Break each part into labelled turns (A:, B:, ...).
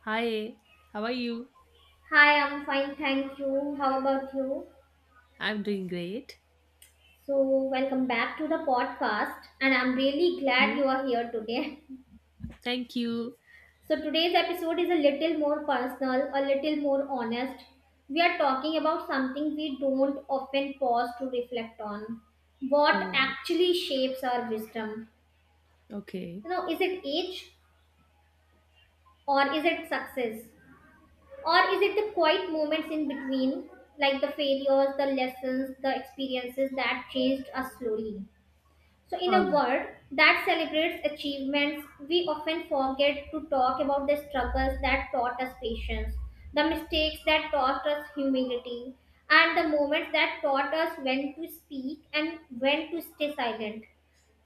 A: Hi, how are you?
B: Hi, I'm fine, thank you. How about you?
A: I'm doing great.
B: So, welcome back to the podcast, and I'm really glad you
A: You?
B: are here today.
A: Thank you.
B: So, today's episode is a little more personal, a little more honest. We are talking about something we don't often pause to reflect on. What
A: All right.
B: actually shapes our wisdom?
A: Okay.
B: You know, is it age or is it success? Or is it the quiet moments in between, like the failures, the lessons, the experiences that changed us slowly? So, in
A: All
B: a
A: right.
B: world that celebrates achievements, we often forget to talk about the struggles that taught us patience, the mistakes that taught us humility, and the moments that taught us when to speak and when to stay silent.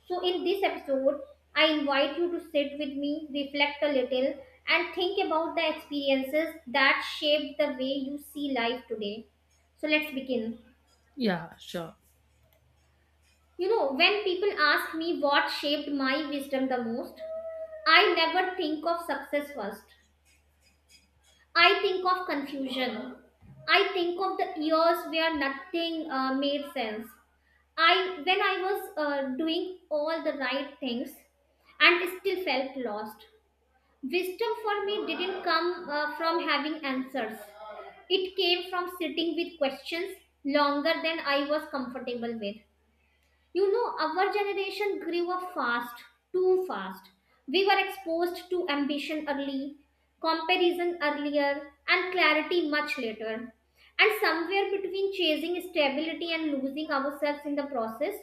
B: So, in this episode, I invite you to sit with me, reflect a little, and think about the experiences that shaped the way you see life today. So, let's begin.
A: Yeah, sure.
B: You know, when people ask me what shaped my wisdom the most, I never think of success first. I think of confusion. I think of the years where nothing made sense. I when I was doing all the right things and still felt lost. Wisdom for me didn't come from having answers. It came from sitting with questions longer than I was comfortable with. You know, our generation grew up fast, too fast. We were exposed to ambition early, comparison earlier, and clarity much later. And somewhere between chasing stability and losing ourselves in the process,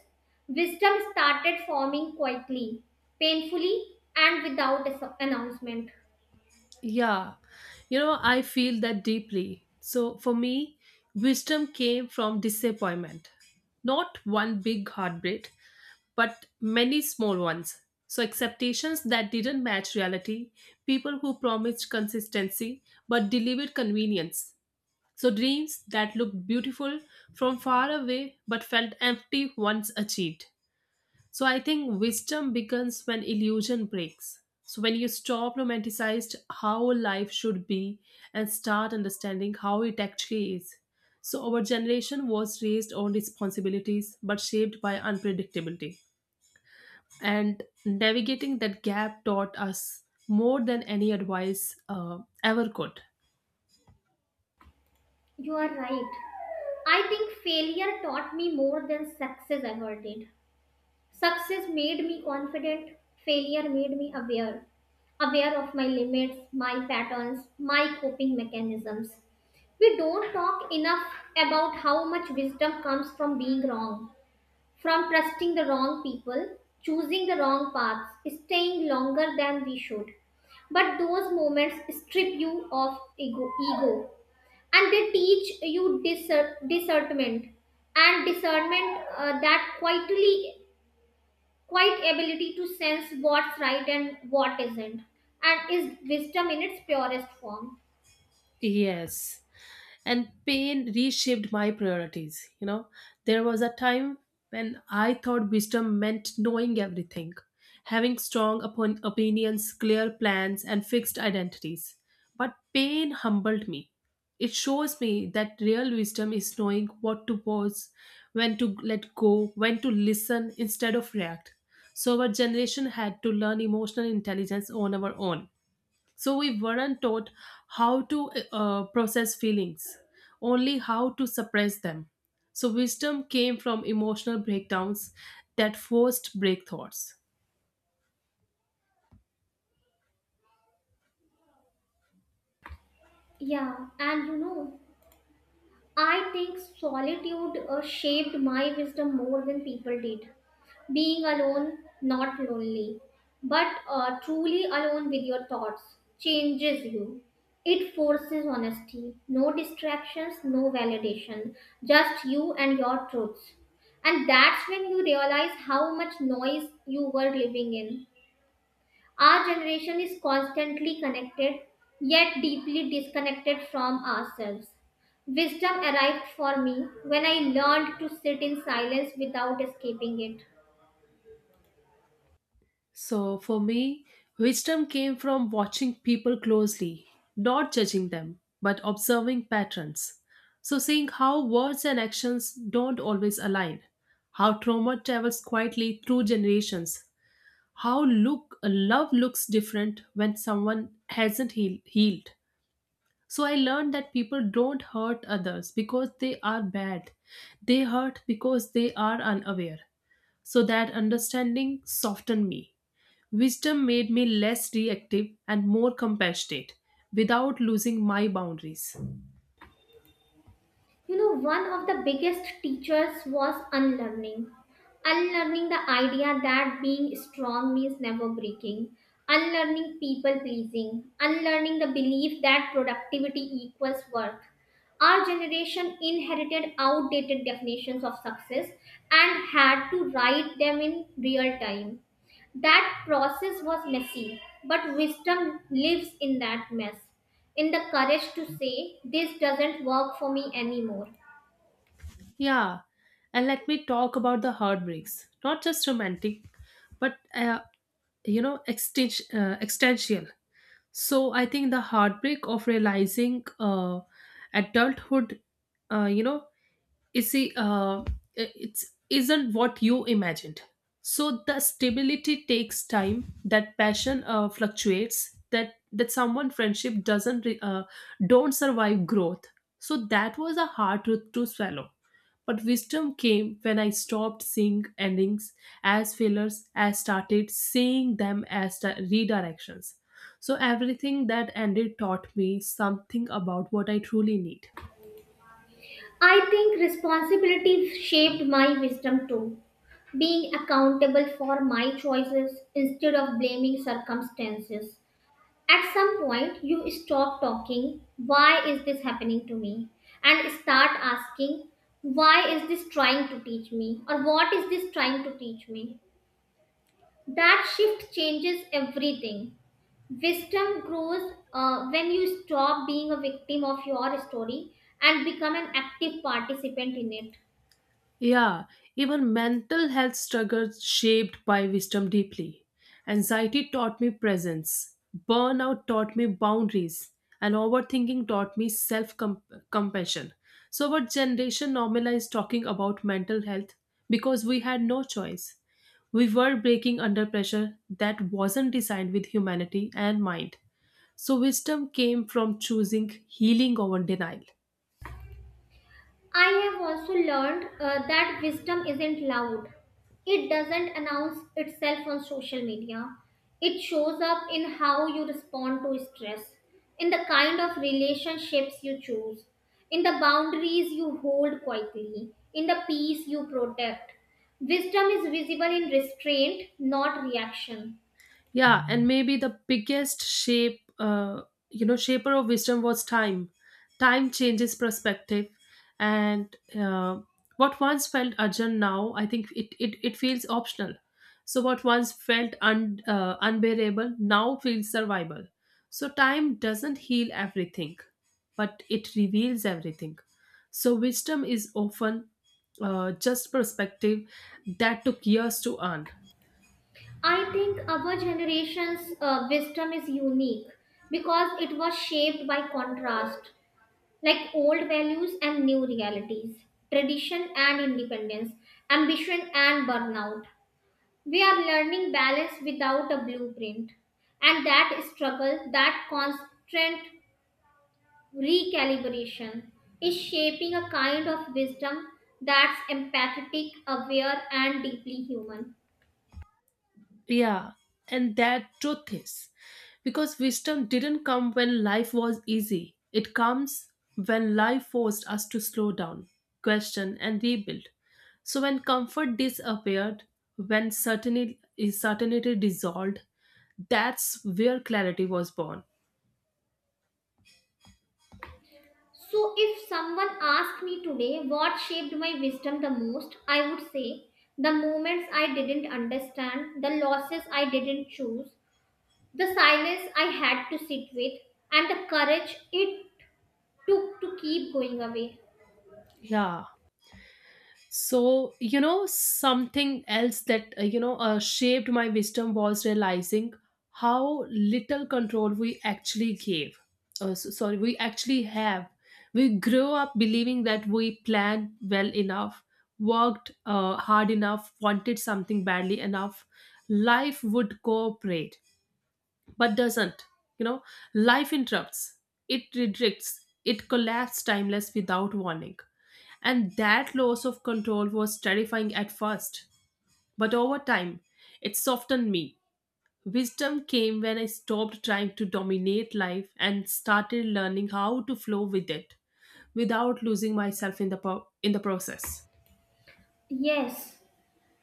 B: wisdom started forming quietly, painfully, and without a announcement.
A: Yeah. You know, I feel that deeply. So for me, wisdom came from disappointment. Not one big heartbreak, but many small ones. So expectations that didn't match reality, people who promised consistency but delivered convenience. So dreams that looked beautiful from far away but felt empty once achieved. So, I think wisdom begins when illusion breaks. So, when you stop romanticized how life should be and start understanding how it actually is. So, our generation was raised on responsibilities but shaped by unpredictability. And navigating that gap taught us more than any advice ever could.
B: You are right. I think failure taught me more than success ever did. Success made me confident, failure made me aware, aware of my limits, my patterns, my coping mechanisms. We don't talk enough about how much wisdom comes from being wrong, from trusting the wrong people, choosing the wrong paths, staying longer than we should. But those moments strip you of ego and they teach you discernment and discernment that quietly quite ability to sense what's right and what isn't, and is wisdom in its purest form.
A: Yes. And pain reshaped my priorities, you know. There was a time when I thought wisdom meant knowing everything, having strong upon opinions, clear plans, and fixed identities. But pain humbled me. It shows me that real wisdom is knowing what to pause, when to let go, when to listen instead of react. So our generation had to learn emotional intelligence on our own. So we weren't taught how to process feelings, only how to suppress them. So wisdom came from emotional breakdowns that forced break thoughts.
B: Yeah, and you know, I think solitude shaped my wisdom more than people did. Being alone, not lonely, but truly alone with your thoughts changes you. It forces honesty, no distractions, no validation, just you and your truths. And that's when you realize how much noise you were living in. Our generation is constantly connected, yet deeply disconnected from ourselves. Wisdom arrived for me when I learned to sit in silence without escaping it.
A: So for me, wisdom came from watching people closely, not judging them, but observing patterns. So seeing how words and actions don't always align, how trauma travels quietly through generations, how look love looks different when someone hasn't healed. So I learned that people don't hurt others because they are bad, they hurt because they are unaware. So that understanding softened me. Wisdom made me less reactive and more compassionate without losing my boundaries.
B: You know, one of the biggest teachers was unlearning. Unlearning the idea that being strong means never breaking. Unlearning people pleasing. Unlearning the belief that productivity equals worth. Our generation inherited outdated definitions of success and had to write them in real time. That process was messy, but wisdom lives in that mess in the courage to say, "This doesn't work for me anymore."
A: Yeah, and let me talk about the heartbreaks, not just romantic, but you know, existential. So I think the heartbreak of realizing adulthood, you know, you see, it's isn't what you imagined. So the stability takes time, that passion fluctuates, that someone friendship doesn't re- don't survive growth. So that was a hard truth to swallow, but wisdom came when I stopped seeing endings as failures. As started seeing them as redirections. So everything that ended taught me something about what I truly need.
B: I think responsibility shaped my wisdom too. Being accountable for my choices instead of blaming circumstances. At some point, you stop talking, "Why is this happening to me?" and start asking, "Why is this trying to teach me?" or "What is this trying to teach me?" That shift changes everything. Wisdom grows when you stop being a victim of your story and become an active participant in it.
A: Yeah, even mental health struggles shaped by wisdom deeply. Anxiety taught me presence, burnout taught me boundaries, and overthinking taught me self compassion. So, our generation normalized talking about mental health because we had no choice. We were breaking under pressure that wasn't designed with humanity and mind. So, wisdom came from choosing healing over denial.
B: I have also learned that wisdom isn't loud, it doesn't announce itself on social media. It shows up in how you respond to stress, in the kind of relationships you choose, in the boundaries you hold quietly, in the peace you protect. Wisdom is visible in restraint, not reaction.
A: Yeah, and maybe the biggest you know, shaper of wisdom was time. Time changes perspective, and what once felt urgent now, I think it feels optional. So what once felt unbearable now feels survival. So time doesn't heal everything, but it reveals everything. So wisdom is often just perspective that took years to earn.
B: I think our generation's wisdom is unique because it was shaped by contrast, like old values and new realities, tradition and independence, ambition and burnout. We are learning balance without a blueprint, and that struggle, that constant recalibration, is shaping a kind of wisdom that's empathetic, aware, and deeply human.
A: Yeah, and that truth is because wisdom didn't come when life was easy, it comes when life forced us to slow down, question, and rebuild. So, when comfort disappeared, when certainty dissolved, that's where clarity was born.
B: So, if someone asked me today what shaped my wisdom the most, I would say the moments I didn't understand, the losses I didn't choose, the silence I had to sit with, and the courage it took to keep going away.
A: Yeah. So, you know, something else that you know, shaped my wisdom was realizing how little control we actually gave. So, sorry, we actually have. We grew up believing that we planned well enough, worked hard enough, wanted something badly enough, life would cooperate but doesn't. You know, life interrupts, it redirects, it collapsed timeless without warning. And that loss of control was terrifying at first, but over time, it softened me. Wisdom came when I stopped trying to dominate life and started learning how to flow with it without losing myself in the in the process.
B: Yes,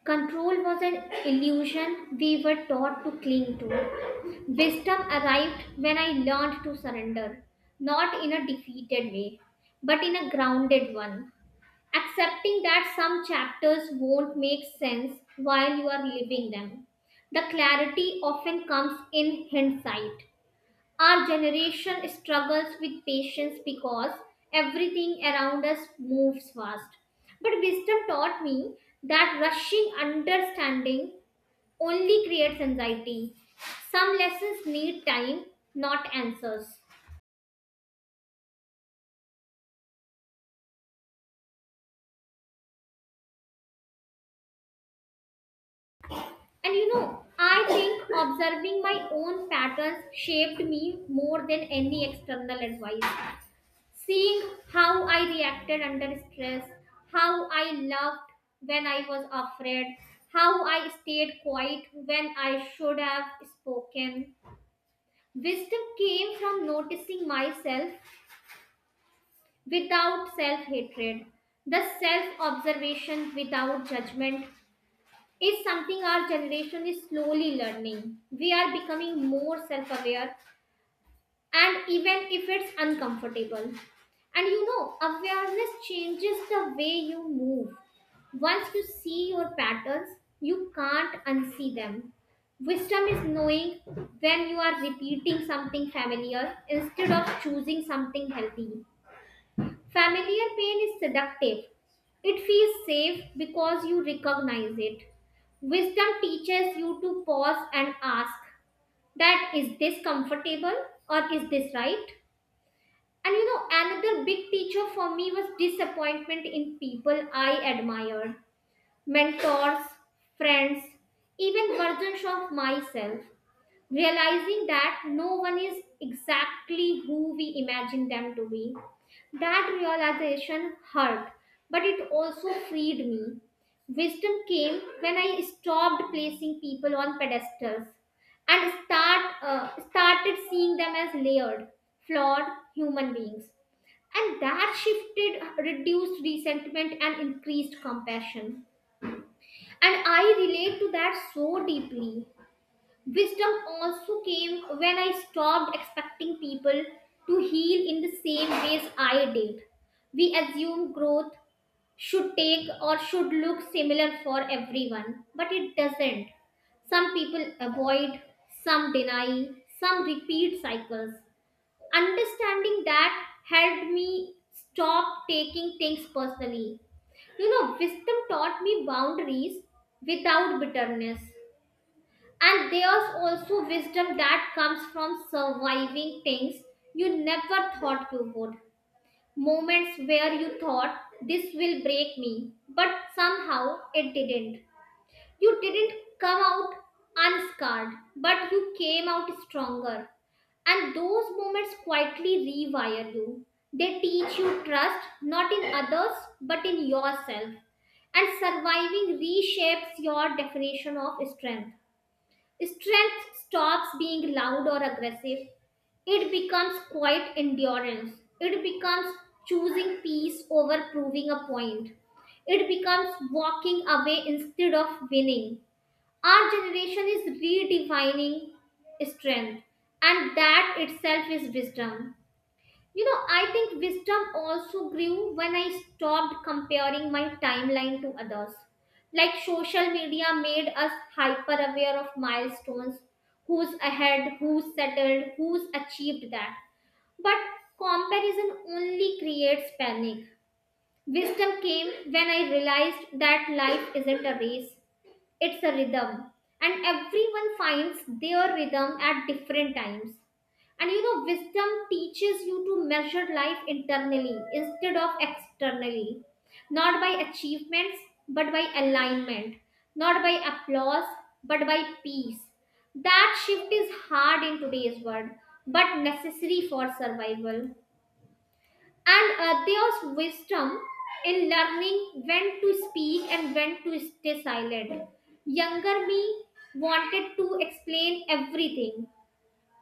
B: control was an illusion we were taught to cling to. Wisdom arrived when I learned to surrender, not in a defeated way, but in a grounded one accepting that some chapters won't make sense while you are living them. The clarity often comes in hindsight. Our generation struggles with patience because everything around us moves fast. But wisdom taught me that rushing understanding only creates anxiety. Some lessons need time, not answers. And you know, I think observing my own patterns shaped me more than any external advice. Seeing how I reacted under stress, how I laughed when I was afraid, how I stayed quiet when I should have spoken. Wisdom came from noticing myself without self hatred, the self observation without judgment, is something our generation is slowly learning. We are becoming more self aware, and even if it's uncomfortable. And you know, awareness changes the way you move. Once you see your patterns, you can't unsee them. Wisdom is knowing when you are repeating something familiar instead of choosing something healthy. Familiar pain is seductive. It feels safe because you recognize it. Wisdom teaches you to pause and ask that is this comfortable or is this right? And you know, another big teacher for me was disappointment in people I admired, mentors, friends, even versions of myself realizing that no one is exactly who we imagine them to be. That realization hurt, but it also freed me. Wisdom came when I stopped placing people on pedestals and started seeing them as layered, flawed human beings. And that shifted, reduced resentment and increased compassion. And I relate to that so deeply. Wisdom also came when I stopped expecting people to heal in the same ways I did. We assume growth should take or should look similar for everyone, but it doesn't. Some people avoid, some deny, some repeat cycles. Understanding that helped me stop taking things personally. You know, wisdom taught me boundaries without bitterness. And there's also wisdom that comes from surviving things you never thought you would. Moments where you thought, this will break me, but somehow it didn't. You didn't come out unscarred, but you came out stronger. And those moments quietly rewire you. They teach you trust, not in others, but in yourself. And surviving reshapes your definition of strength. Strength stops being loud or aggressive. It becomes quiet endurance. It becomes choosing peace over proving a point. It becomes walking away instead of winning. Our generation is redefining strength, and that itself is wisdom. You know, I think wisdom also grew when I stopped comparing my timeline to others. Like social media made us hyper aware of milestones who's ahead, who's settled, who's achieved that. But comparison only creates panic. Wisdom came when I realized that life isn't a race, it's a rhythm and everyone finds their rhythm at different times. And you know, wisdom teaches you to measure life internally instead of externally, not by achievements but by alignment, not by applause but by peace. That shift is hard in today's world but necessary for survival. And there's wisdom in learning when to speak and when to stay silent. Younger me wanted to explain everything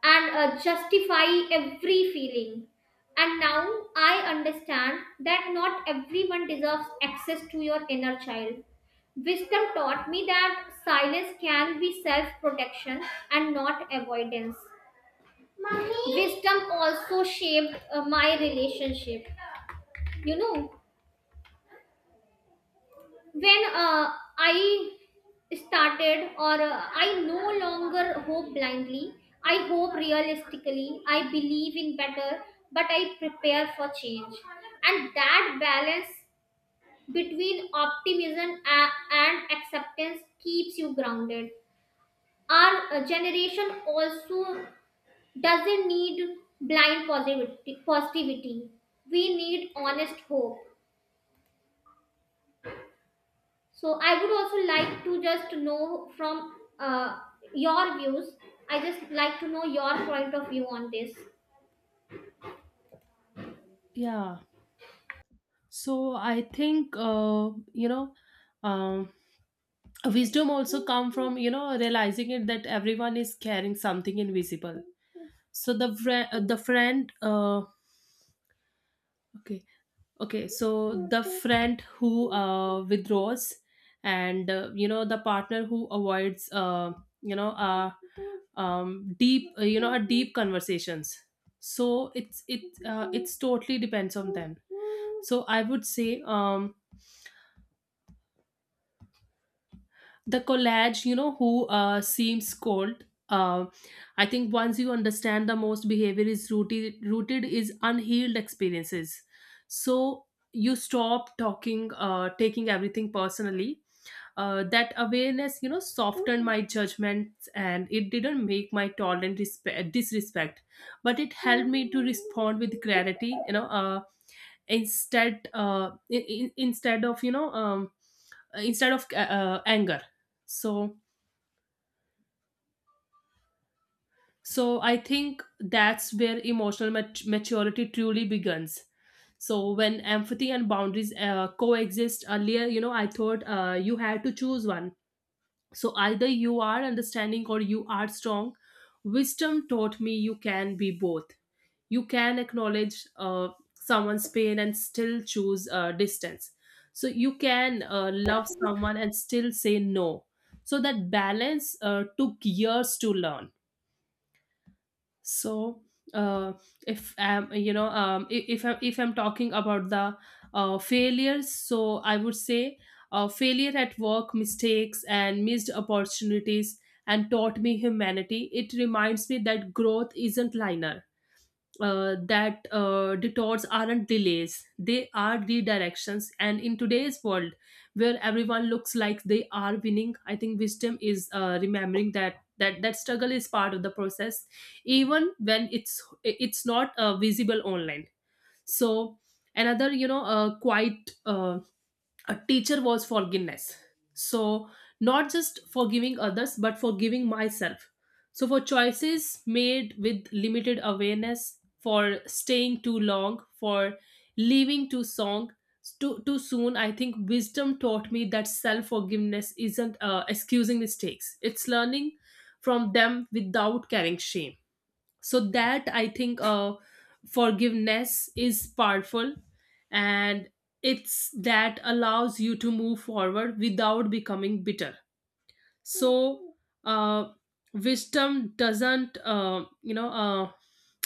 B: and justify every feeling. And now I understand that not everyone deserves access to your inner child. Wisdom taught me that silence can be self protection and not avoidance. Wisdom also shaped my relationship. You know, when I started or I no longer hope blindly. I hope realistically. I believe in better, but I prepare for change, and that balance between optimism and acceptance keeps you grounded. Our generation also doesn't need blind positivity. We need honest hope. So I would also like to just know from your views. I just like to know your point of view on this.
A: Yeah. So I think you know, um wisdom also come from, you know, realizing it that everyone is carrying something invisible. So the friend, okay, okay, so the friend who withdraws and, you know, the partner who avoids, you know uh, deep, you know, deep conversations. So it's totally depends on them. So I would say, the collage, you know, who seems cold. I think once you understand the most behavior is rooted is unhealed experiences. So you stop talking taking everything personally. That awareness, you know, softened my judgments, and it didn't make my tolerant disrespect, but it helped me to respond with clarity, you know, instead of, you know, instead of anger. So So I think that's where emotional maturity truly begins. So when empathy and boundaries coexist earlier, you know, I thought you had to choose one. So either you are understanding or you are strong. Wisdom taught me you can be both. You can acknowledge, someone's pain, and still choose distance. So you can love someone and still say no. So that balance took years to learn. So uh, if I'm, you know, if I'm talking about the failures, so I would say failure at work, mistakes, and missed opportunities, and taught me humanity. It reminds me that growth isn't linear, that detours aren't delays, they are redirections. And in today's world, where everyone looks like they are winning, I think wisdom is remembering that. That struggle is part of the process, even when it's not visible online. So another, you know, quite a teacher was forgiveness. So, not just forgiving others, but forgiving myself. So, for choices made with limited awareness, for staying too long, for leaving too song, too soon, I think wisdom taught me that self forgiveness isn't excusing mistakes, it's learning from them without carrying shame. So that, I think, forgiveness is powerful, and it's that allows you to move forward without becoming bitter. So uh, wisdom doesn't you know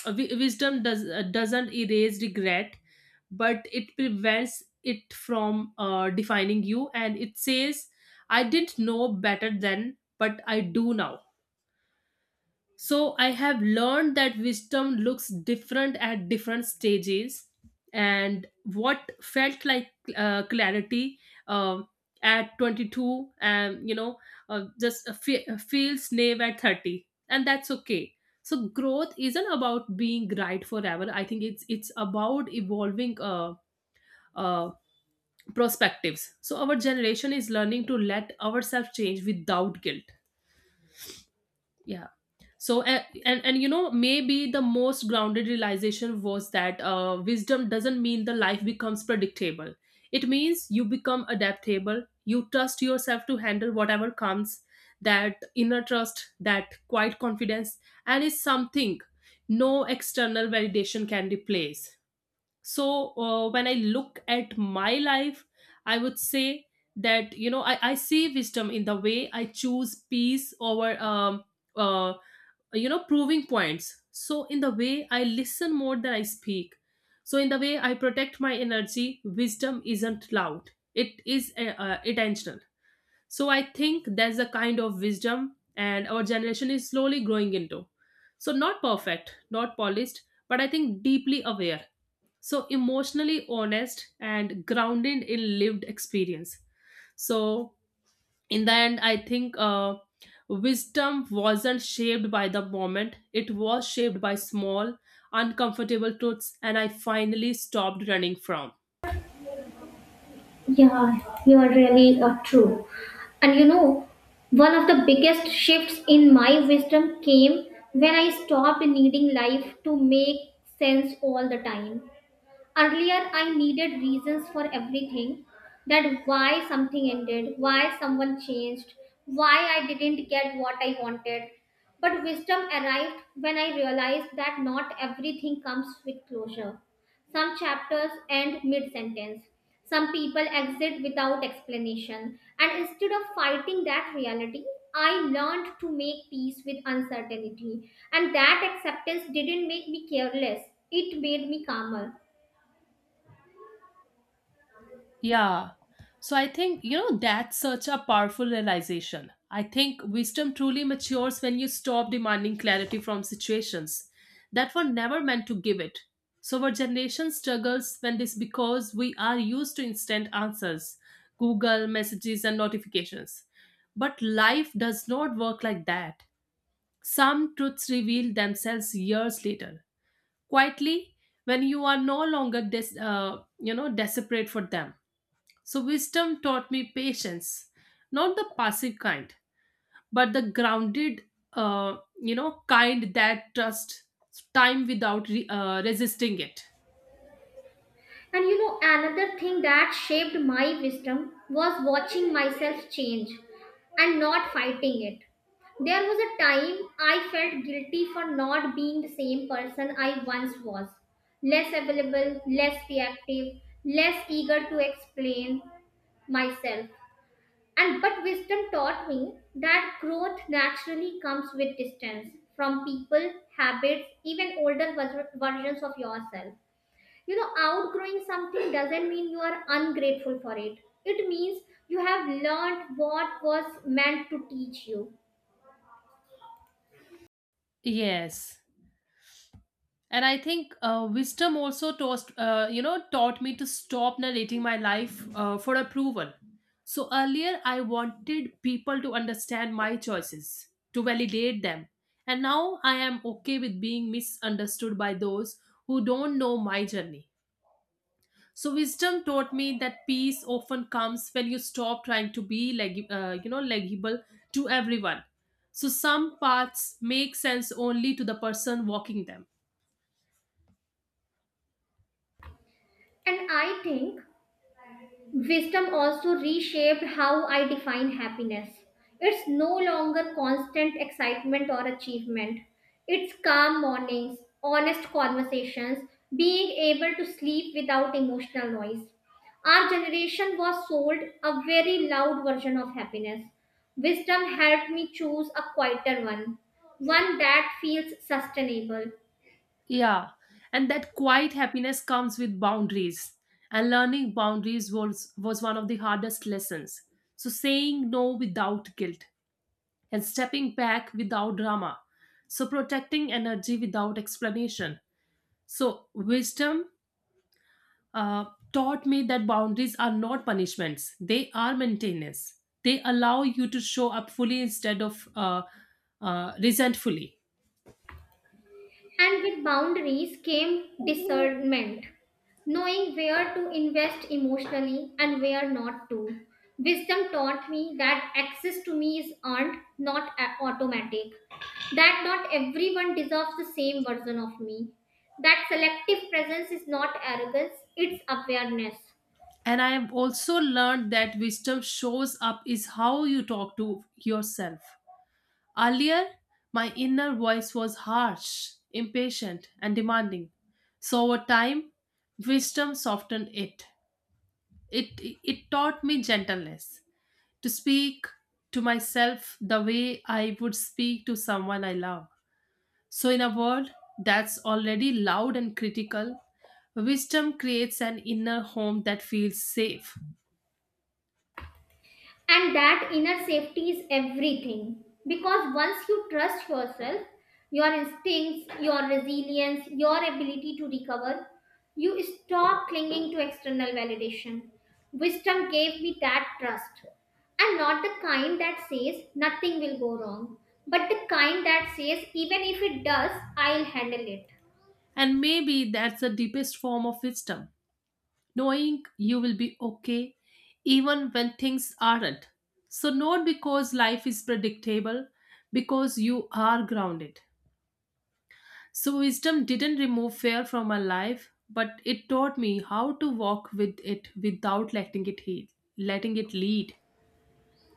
A: wi- wisdom doesn't erase regret, but it prevents it from defining you, and it says, I didn't know better then, but I do now. So I have learned that wisdom looks different at different stages, and what felt like clarity um at 22, you know, feels naive at 30, and that's okay. So growth isn't about being right forever. I think it's about evolving uh, perspectives. So our generation is learning to let ourselves change without guilt. Yeah. So and you know, maybe the most grounded realization was that wisdom doesn't mean the life becomes predictable. It means you become adaptable, you trust yourself to handle whatever comes. That inner trust, that quiet confidence, and it's something no external validation can replace. So when I look at my life, I would say that, you know, I see wisdom in the way I choose peace over uh, you know, proving points, so in the way I listen more than I speak, so in the way I protect my energy. Wisdom isn't loud, it is intentional. So I think that's the kind of wisdom and our generation is slowly growing into. So not perfect, not polished, but I think deeply aware, so emotionally honest and grounded in lived experience. So in the end, I think wisdom wasn't shaped by the moment, it was shaped by small uncomfortable truths and I finally stopped running from.
B: Yeah, you are really true. And you know, one of the biggest shifts in my wisdom came when I stopped needing life to make sense all the time. Earlier, I needed reasons for everything, that why something ended, why someone changed, why I didn't get what I wanted. But wisdom arrived when I realized that not everything comes with closure. Some chapters end mid sentence. Some people exit without explanation. And instead of fighting that reality, I learned to make peace with uncertainty. And that acceptance didn't make me careless, it made me calmer.
A: Yeah. So I think, you know, that's such a powerful realization. I think wisdom truly matures when you stop demanding clarity from situations that were never meant to give it. So our generation struggles when this because we are used to instant answers, Google messages, and notifications. But life does not work like that. Some truths reveal themselves years later, quietly, when you are no longer you know, desperate for them. So, wisdom taught me patience, not the passive kind, but the grounded, you know, kind that trusts time without resisting it.
B: And you know, another thing that shaped my wisdom was watching myself change and not fighting it. There was a time I felt guilty for not being the same person I once was, less available, less reactive, less eager to explain myself. And but wisdom taught me that growth naturally comes with distance from people, habits, even older versions of yourself. You know, outgrowing something doesn't mean you are ungrateful for it. It means you have learned what was meant to teach you.
A: Yes. And I think wisdom also taught, you know, taught me to stop narrating my life for approval. So earlier, I wanted people to understand my choices, to validate them. And now I am okay with being misunderstood by those who don't know my journey. So wisdom taught me that peace often comes when you stop trying to be you know, legible to everyone. So some paths make sense only to the person walking them.
B: And I think wisdom also reshaped how I define happiness. It's no longer constant excitement or achievement. It's calm mornings, honest conversations, being able to sleep without emotional noise. Our generation was sold a very loud version of happiness. Wisdom helped me choose a quieter one, one that feels sustainable.
A: Yeah, and that quiet happiness comes with boundaries. And learning boundaries was one of the hardest lessons. So saying no without guilt and stepping back without drama. So protecting energy without explanation. So wisdom uh, taught me that boundaries are not punishments, they are maintenance. They allow you to show up fully instead of resentfully.
B: And with boundaries came discernment, knowing where to invest emotionally and where not to. Wisdom taught me that access to me is earned, not automatic, that not everyone deserves the same version of me, that selective presence is not arrogance, it's awareness.
A: And I have also learned that wisdom shows up is how you talk to yourself. Earlier, my inner voice was harsh, impatient, and demanding. So over time, wisdom softened it. It, it taught me gentleness to speak to myself the way I would speak to someone I love. So, in a world that's already loud and critical, wisdom creates an inner home that feels safe.
B: And that inner safety is everything, because once you trust yourself, your instincts, your resilience, your ability to recover, you stop clinging to external validation. Wisdom gave me that trust, and not the kind that says nothing will go wrong, but the kind that says even if it does, I'll handle it.
A: And maybe that's the deepest form of wisdom, knowing you will be okay even when things aren't. So, not because life is predictable, because you are grounded. So, wisdom didn't remove fear from my life, but it taught me how to walk with it without letting it heal, letting it lead.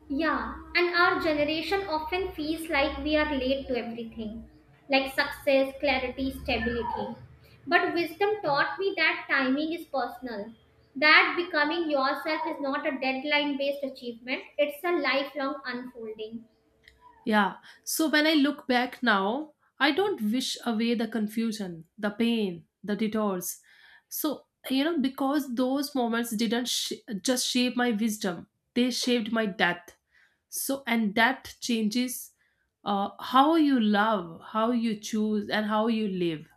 B: Yeah, and our generation often feels like we are late to everything, like success, clarity, stability. But wisdom taught me that timing is personal, that becoming yourself is not a deadline based achievement, it's a lifelong unfolding.
A: Yeah. So, when I look back now, I don't wish away the confusion, the pain, the detours. So, you know, because those moments didn't sh- just shape my wisdom, they shaped my depth. So, and that changes how you love, how you choose, and how you live.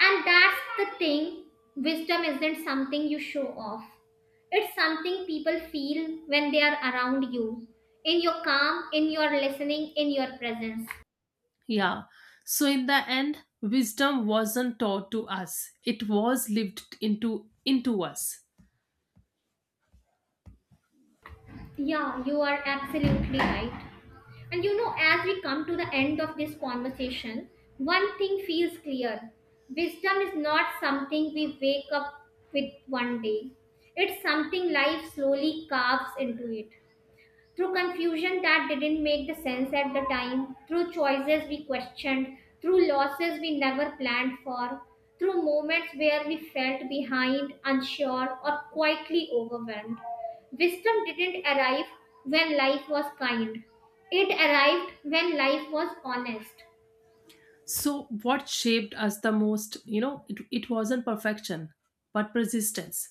B: And that's the thing, wisdom isn't something you show off, it's something people feel when they are around you, in your calm, in your listening, in your presence.
A: Yeah. So in the end, wisdom wasn't taught to us. It was lived into us.
B: Yeah, you are absolutely right. And you know, as we come to the end of this conversation, one thing feels clear, wisdom is not something we wake up with one day, it's something life slowly carves into it through confusion that didn't make the sense at the time, through choices we questioned, through losses we never planned for, through moments where we felt behind, unsure, or quietly overwhelmed. Wisdom didn't arrive when life was kind. It arrived when life was honest.
A: So what shaped us the most, you know, it wasn't perfection, but persistence.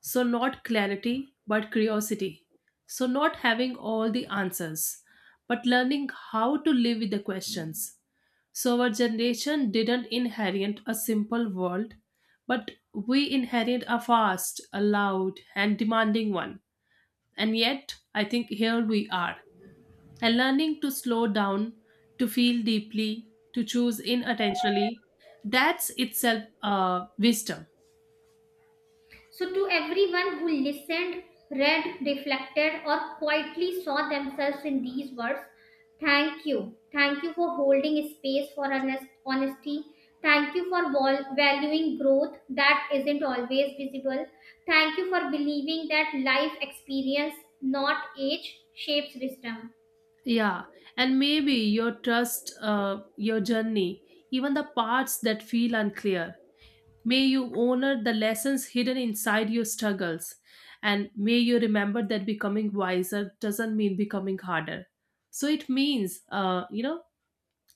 A: So not clarity, but curiosity. So not having all the answers, but learning how to live with the questions. So our generation didn't inherit a simple world, but we inherit a fast, a loud, and demanding one. And yet, I think here we are, and learning to slow down, to feel deeply, to choose inattentionally. That's itself wisdom.
B: So, to everyone who listened, read, reflected, or quietly saw themselves in these words, thank you. Thank you for holding space for honesty. Thank you for valuing growth that isn't always visible. Thank you for believing that life experience, not age, shapes wisdom.
A: Yeah, and maybe your trust, your journey, even the parts that feel unclear. May you honor the lessons hidden inside your struggles, and may you remember that becoming wiser doesn't mean becoming harder. So it means, you know,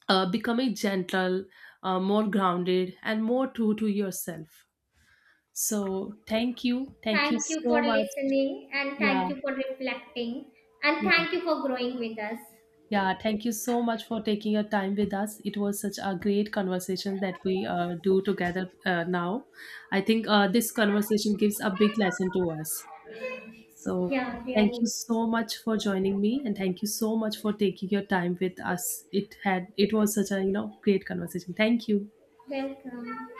A: becoming gentle, more grounded, and more true to yourself. So, thank you. Thank you
B: Thank you
A: so
B: for
A: much.
B: listening and thank
A: Yeah,
B: you for reflecting and
A: yeah,
B: thank you for growing with us.
A: yeah. Thank you so much for taking your time with us. It was such a great conversation that we do together now. I think this conversation gives a big lesson to us. So,
B: Yeah,
A: thank you
B: really.
A: so much for joining me, and thank you so much for taking your time with us. It was such a, you know, great conversation. Thank you.
B: Welcome.